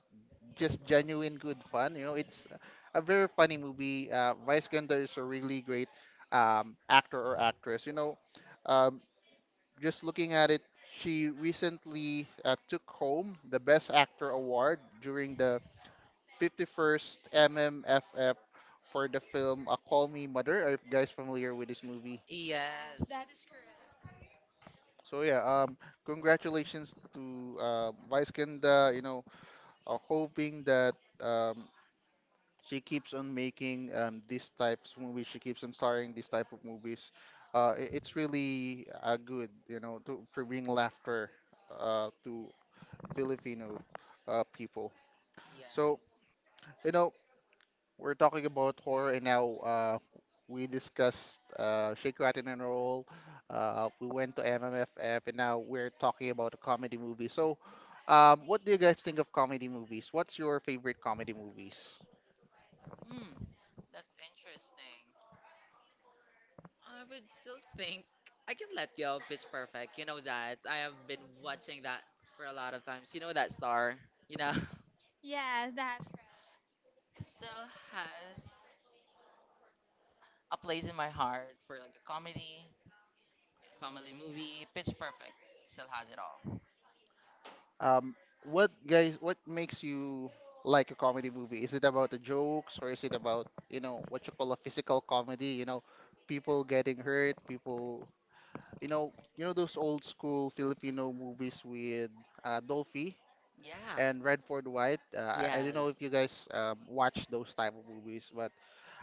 S1: just genuine good fun. You know, it's a very funny movie. Vice Ganda is a really great actor or actress. You know, um, just looking at it, she recently took home the Best Actor award during the 51st MMFF for the film Call Me Mother. Are you guys familiar with this movie?
S2: Yes. That is correct.
S1: So yeah, congratulations to Vice Ganda. You know, hoping that um, she keeps on making these types of movies. She keeps on starring these type of movies. It's really good, you know, to bring laughter to Filipino people. So,
S2: Yes.
S1: you know, we're talking about horror, and now we discussed Shake, Rattle, and Roll. We went to MMFF, and now we're talking about a comedy movie. So, what do you guys think of comedy movies? What's your favorite comedy movies?
S2: Hmm. That's interesting. I would still think I can let go of Pitch Perfect. You know that. I have been watching that for a lot of times. You know that star, you know? Yes, that's right. It still has a place in my heart for like a comedy, family movie, Pitch Perfect. Still has it all.
S1: Um, what guys, what makes you like a comedy movie? Is it about the jokes, or is it about, you know, what you call a physical comedy? You know, people getting hurt, people. You know those old school Filipino movies with Dolphy
S2: Yeah.
S1: and Redford White. I don't know if
S2: Yes.
S1: you guys watch those type of movies, but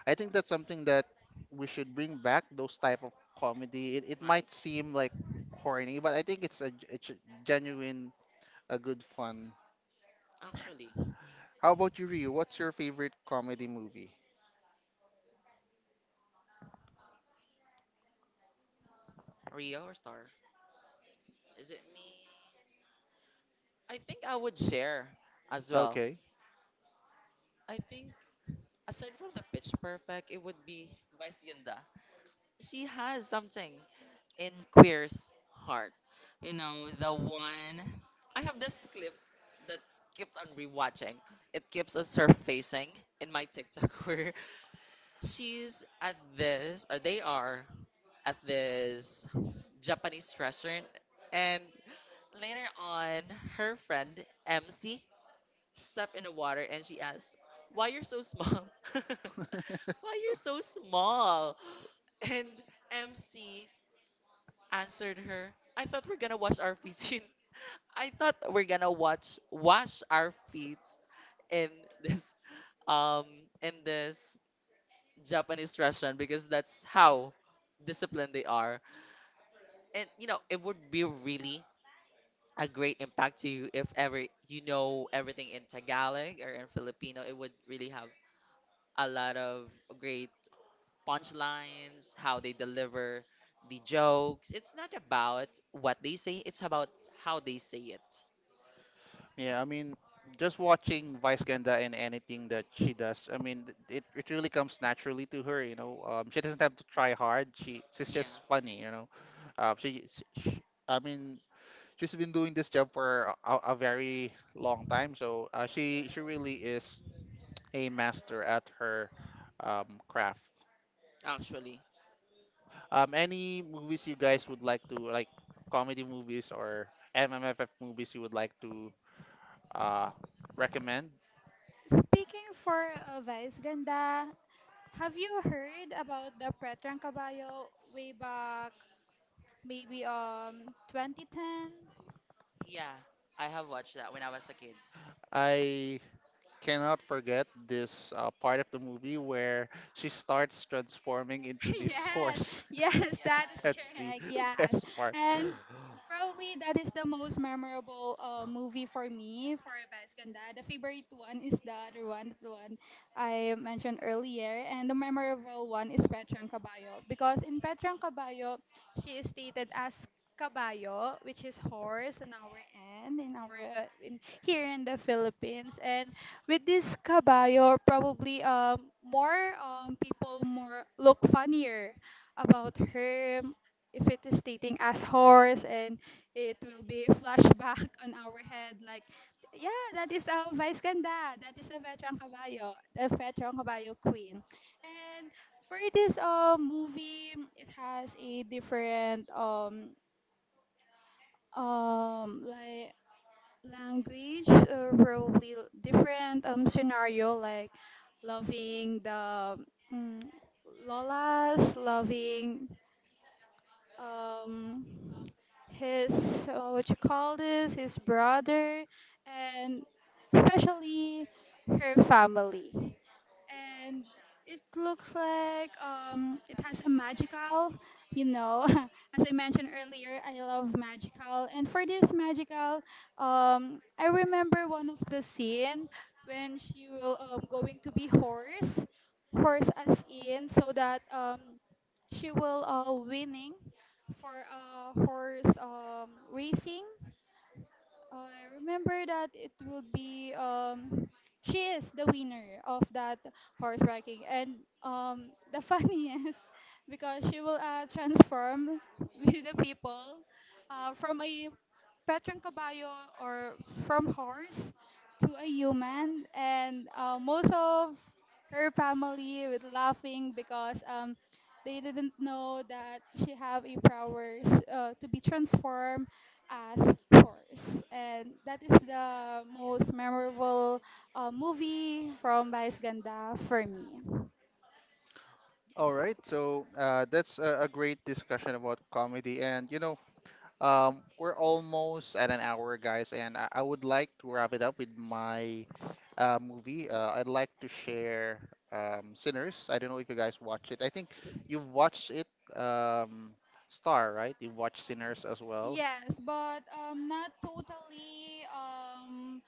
S1: I think that's something that we should bring back. Those type of comedy. It might
S2: Right.
S1: seem like corny, but I think it's a, it's a genuine, a good fun.
S2: Actually,
S1: How about you, Ryu? What's your favorite comedy movie?
S2: Rio or Star? Is it me? I think I would share as well.
S1: Okay.
S2: I think aside from the Pitch Perfect, it would be Vice Ganda. She has something in Queer's heart. You know, the one. I have this clip that keeps on rewatching. It keeps on surfacing in my TikTok where she's at this, or they are at this Japanese restaurant, and later on, her friend MC stepped in the water and she asked, "Why you're so small?" Why you're so small? And MC answered her, "I thought we're gonna wash our feet" in I thought we're gonna watch wash our feet in this um this Japanese restaurant because that's how disciplined they are. And you know, it would be really a great impact to you if ever you know everything in Tagalog or in Filipino. It would really have a lot of great punchlines, how they deliver the jokes. It's not about what they say, it's about how they say it.
S1: Yeah, I mean, just watching Vice Ganda and anything that she does, I mean, it, it really comes naturally to her, you know. She doesn't have to try hard. She's
S2: Yeah,
S1: just funny, you know. Uh, she, she, I mean, she's been doing this job for a very long time, so she really is a master at her craft.
S2: actually.
S1: Any movies you guys would like to like comedy movies or MMFF movies you would like to uh, recommend?
S2: Speaking for, Vice Ganda, have you heard about the Pretrang Caballo way back maybe 2010? Yeah, I have watched that when I was a kid.
S1: I cannot forget this part of the movie where she starts transforming into this
S2: Yes,
S1: horse.
S2: yes, that is
S1: That's the
S2: correct. Yes.
S1: best part.
S2: And probably that is the most memorable, movie for me for Best Ganda. The favorite one is the other one, the one I mentioned earlier. And the memorable one is Petrang Caballo. Because in Petrang Caballo, she is stated as Caballo, which is horse in our end, in here in the Philippines. And with this kabayo, probably more people more look funnier about her if it is stating as horse and it will be flashback on our head like yeah, that is our Vice Ganda, that is a veteran kabayo, the veteran kabayo queen. And for this movie, it has a different um like language, probably different scenario, like loving the mm, lolas, loving um his what you call this, his brother, and especially her family. And it looks like it has a magical, you know. As I mentioned earlier, I love magical, and for this magical, I remember one of the scene when she will going to be horse, horse as in, so that she will winning for horse racing. I remember that it will be she is the winner of that horse horseracking. And the funniest because she will transform with the people from a Petrang Caballo, or from horse to a human. And most of her family with laughing because they didn't know that she have a powers to be transformed as horse. And that is the most memorable movie from Vice Ganda for me.
S1: All right, so that's a great discussion about comedy, and you know, we're almost at an hour, guys, and I would like to wrap it up with my movie. I'd like to share Sinners. I don't know if you guys watch it. I think you've watched it, um, Star, right? You've watched Sinners as well.
S2: Yes, but not totally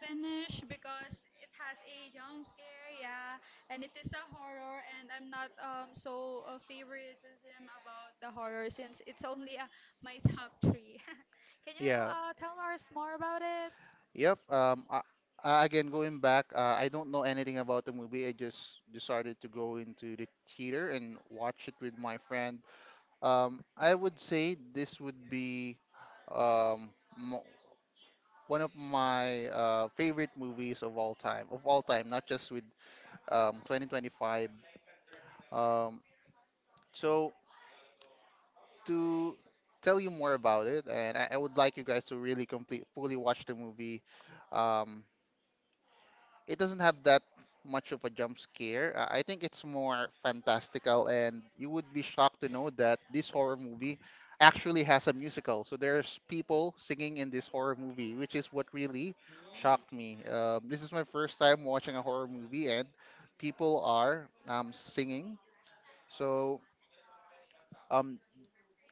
S2: finished because it has a jump scare, yeah, and it is a horror, and I'm not so favoritism about the horror since it's only my top three. Can you
S1: Yeah,
S2: tell us more about it?
S1: yep. Again, going back, I don't know anything about the movie. I just decided to go into the theater and watch it with my friend. I would say this would be um, mo- one of my favorite movies of all time, not just with 2025. Um, so to tell you more about it, and I would like you guys to really complete, fully watch the movie. Um. It doesn't have that much of a jump scare. I think it's more fantastical, and you would be shocked to know that this horror movie actually has a musical. So there's people singing in this horror movie, which is what really
S2: Mm,
S1: shocked me. This is my first time watching a horror movie, and people are singing. So um,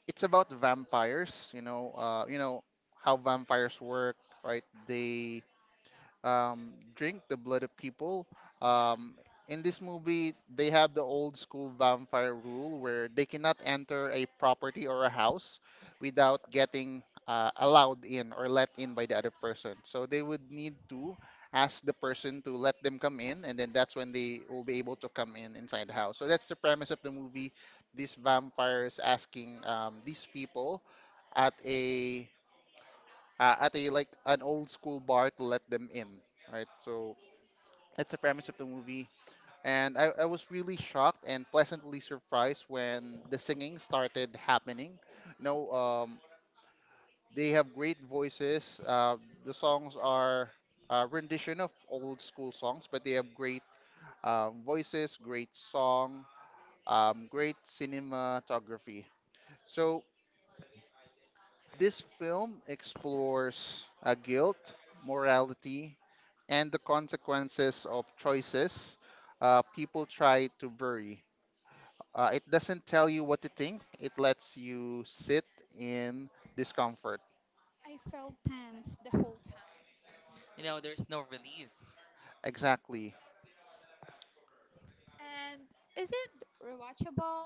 S1: it's about vampires. You know how vampires work, right? They drink the blood of people. Um,
S2: yeah.
S1: in this movie, they have the old school vampire rule where they cannot enter a property or a house without getting allowed in or let in by the other person. So they would need to ask the person to let them come in, and then that's when they will be able to come in inside the house. So that's the premise of the movie. These vampires asking these people at a at a like an old school bar to let them in, right? So that's the premise of the movie. And I was really shocked and pleasantly surprised when the singing started happening. You know, they have great voices. The songs are a rendition of old school songs, but they have great voices, great song, great cinematography. So this film explores guilt, morality, and the consequences of choices people try to bury. It doesn't tell you what to think, it lets you sit in discomfort.
S2: I felt tense the whole time. You know, there's no relief.
S1: Exactly.
S2: And is it rewatchable?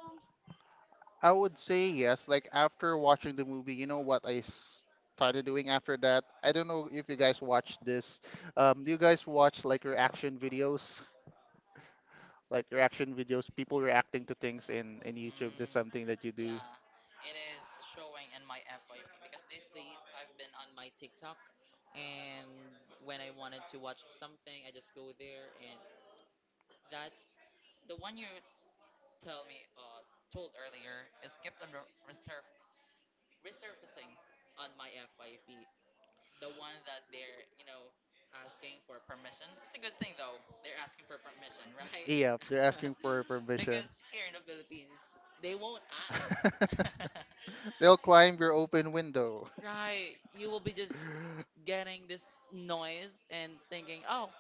S1: I would say yes. Like after watching the movie, you know what I started doing after that? I don't know if you guys watch this. Do you guys watch like reaction videos? Like reaction videos, people reacting to things in YouTube. That's
S2: Mm,
S1: something that you do.
S2: yeah, it is showing in my FYP because these days I've been on my TikTok, and when I wanted to watch something, I just go there. And that, the one you tell me told earlier is kept on resurfacing on my FYP. The one that they're, you know, asking for permission. It's a good thing though. They're asking for permission,
S1: Yeah, they're
S2: right?
S1: asking for permission.
S2: Because here in the Philippines, they won't ask.
S1: They'll climb your open window.
S2: Right. You will be just getting this noise and thinking, oh,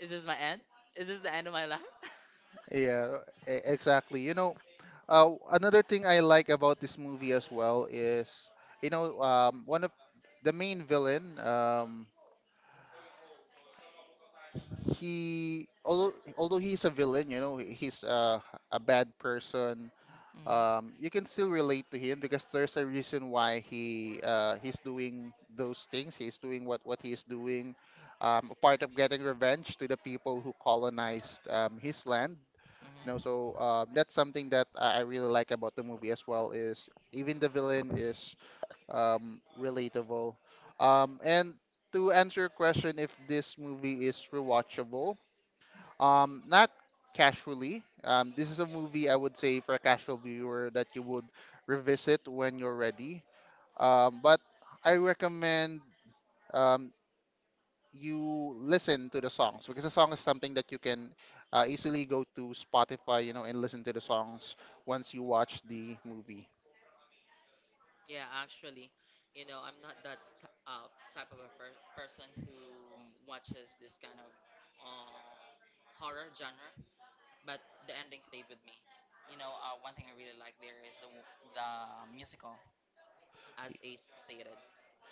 S2: is this my end? Is this the end of my life?
S1: Yeah, exactly. Another thing I like about this movie as well is, one of the main villain, he although he's a villain, you know, he's a bad person.
S2: Hmm.
S1: You can still relate to him because there's a reason why he's doing those things. He's doing what he's doing, a part of getting revenge to the people who colonized his land. You know,
S2: Hmm.
S1: so that's something that I really like about the movie as well is even the villain is relatable. And to answer your question, if this movie is rewatchable, not casually. This is a movie I would say for a casual viewer that you would revisit when you're ready. But I recommend um, you listen to the songs because the song is something that you can easily go to Spotify, you know, and listen to the songs once you watch the movie.
S2: Yeah, actually, you know, I'm not that t type of a fir person who watches this kind of uh, horror genre, but the ending stayed with me. You know, one thing I really like there is the musical, as Ace stated.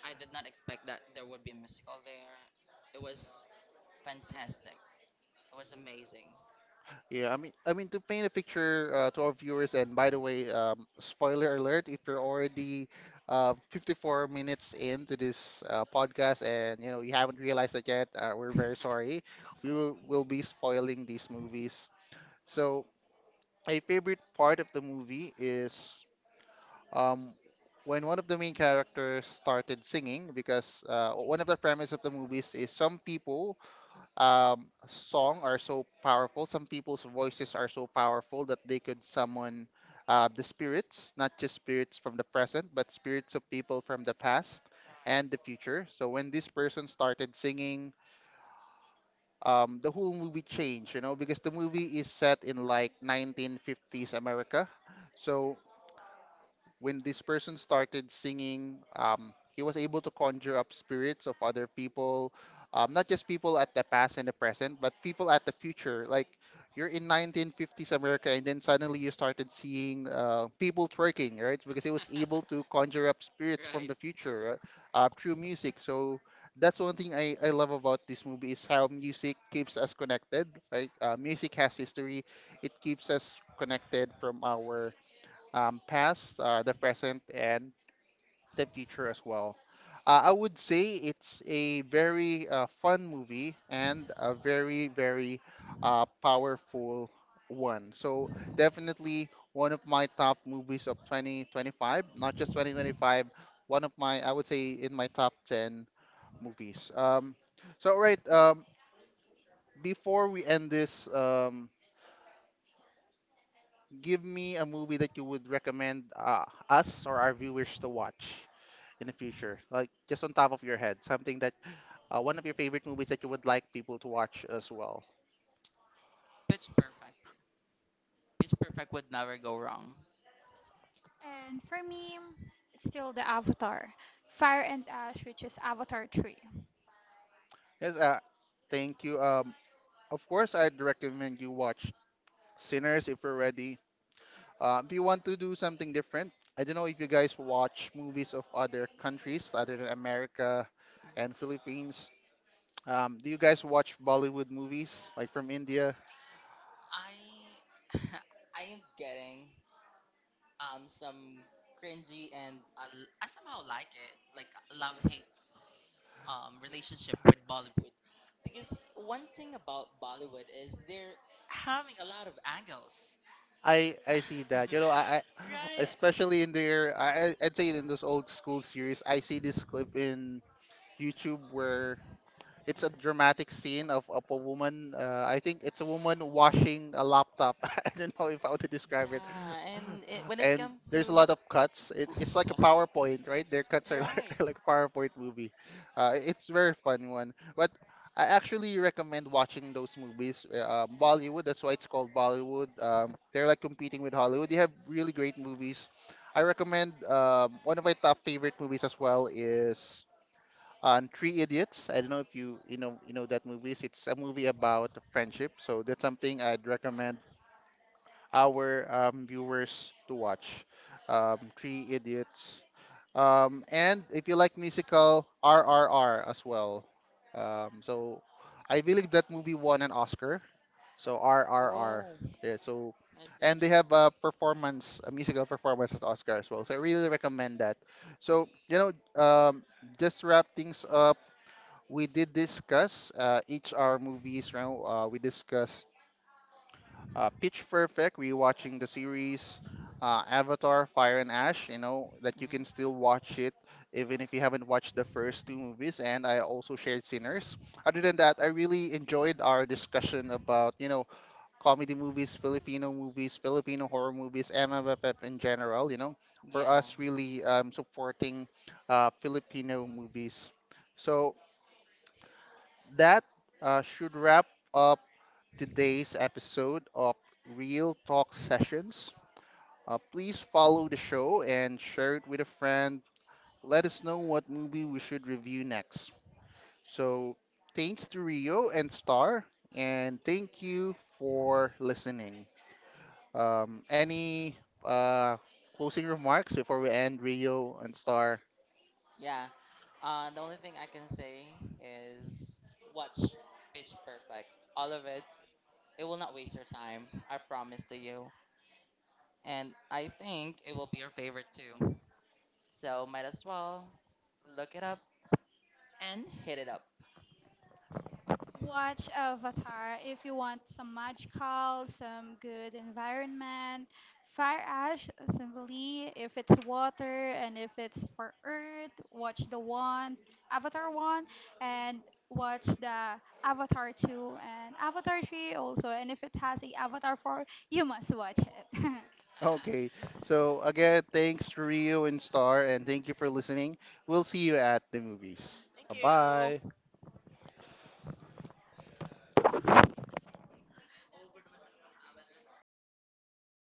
S2: I did not expect that there would be a musical there. It was fantastic. It was amazing.
S1: Yeah, I mean to paint a picture to our viewers. And by the way, spoiler alert: if you're already 54 minutes into this podcast and you know you haven't realized it yet, we're very sorry. We will be spoiling these movies. So, a favorite part of the movie is um, when one of the main characters started singing, because one of the premise of the movies is some people song are so powerful, some people's voices are so powerful that they could summon the spirits, not just spirits from the present, but spirits of people from the past and the
S2: Right.
S1: future. So when this person started singing, the whole movie changed, you know, because the movie is set in like 1950s America. So when this person started singing, he was able to conjure up spirits of other people, not just people at the past and the present, but people at the future. Like you're in 1950s America, and then suddenly you started seeing people twerking, right? Because he was able to conjure up spirits from
S2: Right.
S1: the future through music. So that's one thing I love about this movie is how music keeps us connected, right? Music has history. It keeps us connected from our past, the present, and the future as well. I would say it's a very fun movie and a very, very powerful one. So, definitely one of my top movies of 2025, not just 2025, one of my, I would say, in my top 10 movies. So, right, um, Before we end this, give me a movie that you would recommend us or our viewers to watch in the future? Like just on top of your head, something that one of your favorite movies that you would like people to watch as well.
S2: Pitch Perfect. Pitch Perfect would never go wrong. And for me, it's still the Avatar, Fire and Ash, which is Avatar 3.
S1: Yes, thank you. Of course, I'd recommend you watch Sinners if you're ready. If you want to do something different, I don't know if you guys watch movies of other countries other than America and Philippines. Do you guys watch Bollywood movies like from India?
S2: I I am getting some cringy, and I somehow like it, like love hate relationship with Bollywood, because one thing about Bollywood is they're having a lot of angles.
S1: I see that. You know, I
S2: Right.
S1: especially in their I'd say in those old school series, I see this clip in YouTube where it's a dramatic scene of a woman. I think it's a woman washing a laptop. I don't know if how to describe it.
S2: Yeah, and it, when it
S1: And
S2: comes to
S1: there's a lot of cuts. It's like a PowerPoint, right? Their cuts are
S2: right.
S1: like PowerPoint movie. It's very fun one. But I actually recommend watching those movies. Bollywood, that's why it's called Bollywood. They're like competing with Hollywood. They have really great movies. I recommend one of my top favorite movies as well is on Three Idiots. I don't know if you know that movies. It's a movie about friendship, so that's something I'd recommend our viewers to watch. Three Idiots. And if you like musical, RRR as well. So I believe that movie won an Oscar. So RRR,
S2: Oh,
S1: yeah, so
S2: that's
S1: and they have
S2: interesting.
S1: a performance, a musical performance at Oscar as well. So I really recommend that. So, you know, um, just to wrap things up, we did discuss each our movies, right? We discussed Pitch Perfect, rewatching the series, Avatar, Fire and Ash, you know, that you can
S2: Hmm.
S1: still watch it even if you haven't watched the first two movies. And I also shared Sinners. Other than that, I really enjoyed our discussion about, you know, comedy movies, Filipino horror movies, MFF in general, you know, for
S2: Yeah,
S1: us really supporting Filipino movies. So, that should wrap up today's episode of Real Talk Sessions. Please follow the show and share it with a friend. Let us know what movie we should review next. So, thanks to Rio and Star, and thank you for listening. Any uh, closing remarks before we end, Rio and Star?
S2: yeah. The only thing I can say is watch Pitch Perfect. All of it. It will not waste your time. I promise to you. And I think it will be your favorite too. So might as well look it up and hit it up. Watch Avatar if you want some magical, some good environment. Fire Ash, simply, if it's water and if it's for earth, watch the one, Avatar 1, and watch the Avatar 2 and Avatar 3 also. And if it has a Avatar 4, you must watch it. Thank
S1: Okay. So again, thanks to Rio and Star, and thank you for listening. We'll see you at the movies.
S2: you.
S1: Bye bye.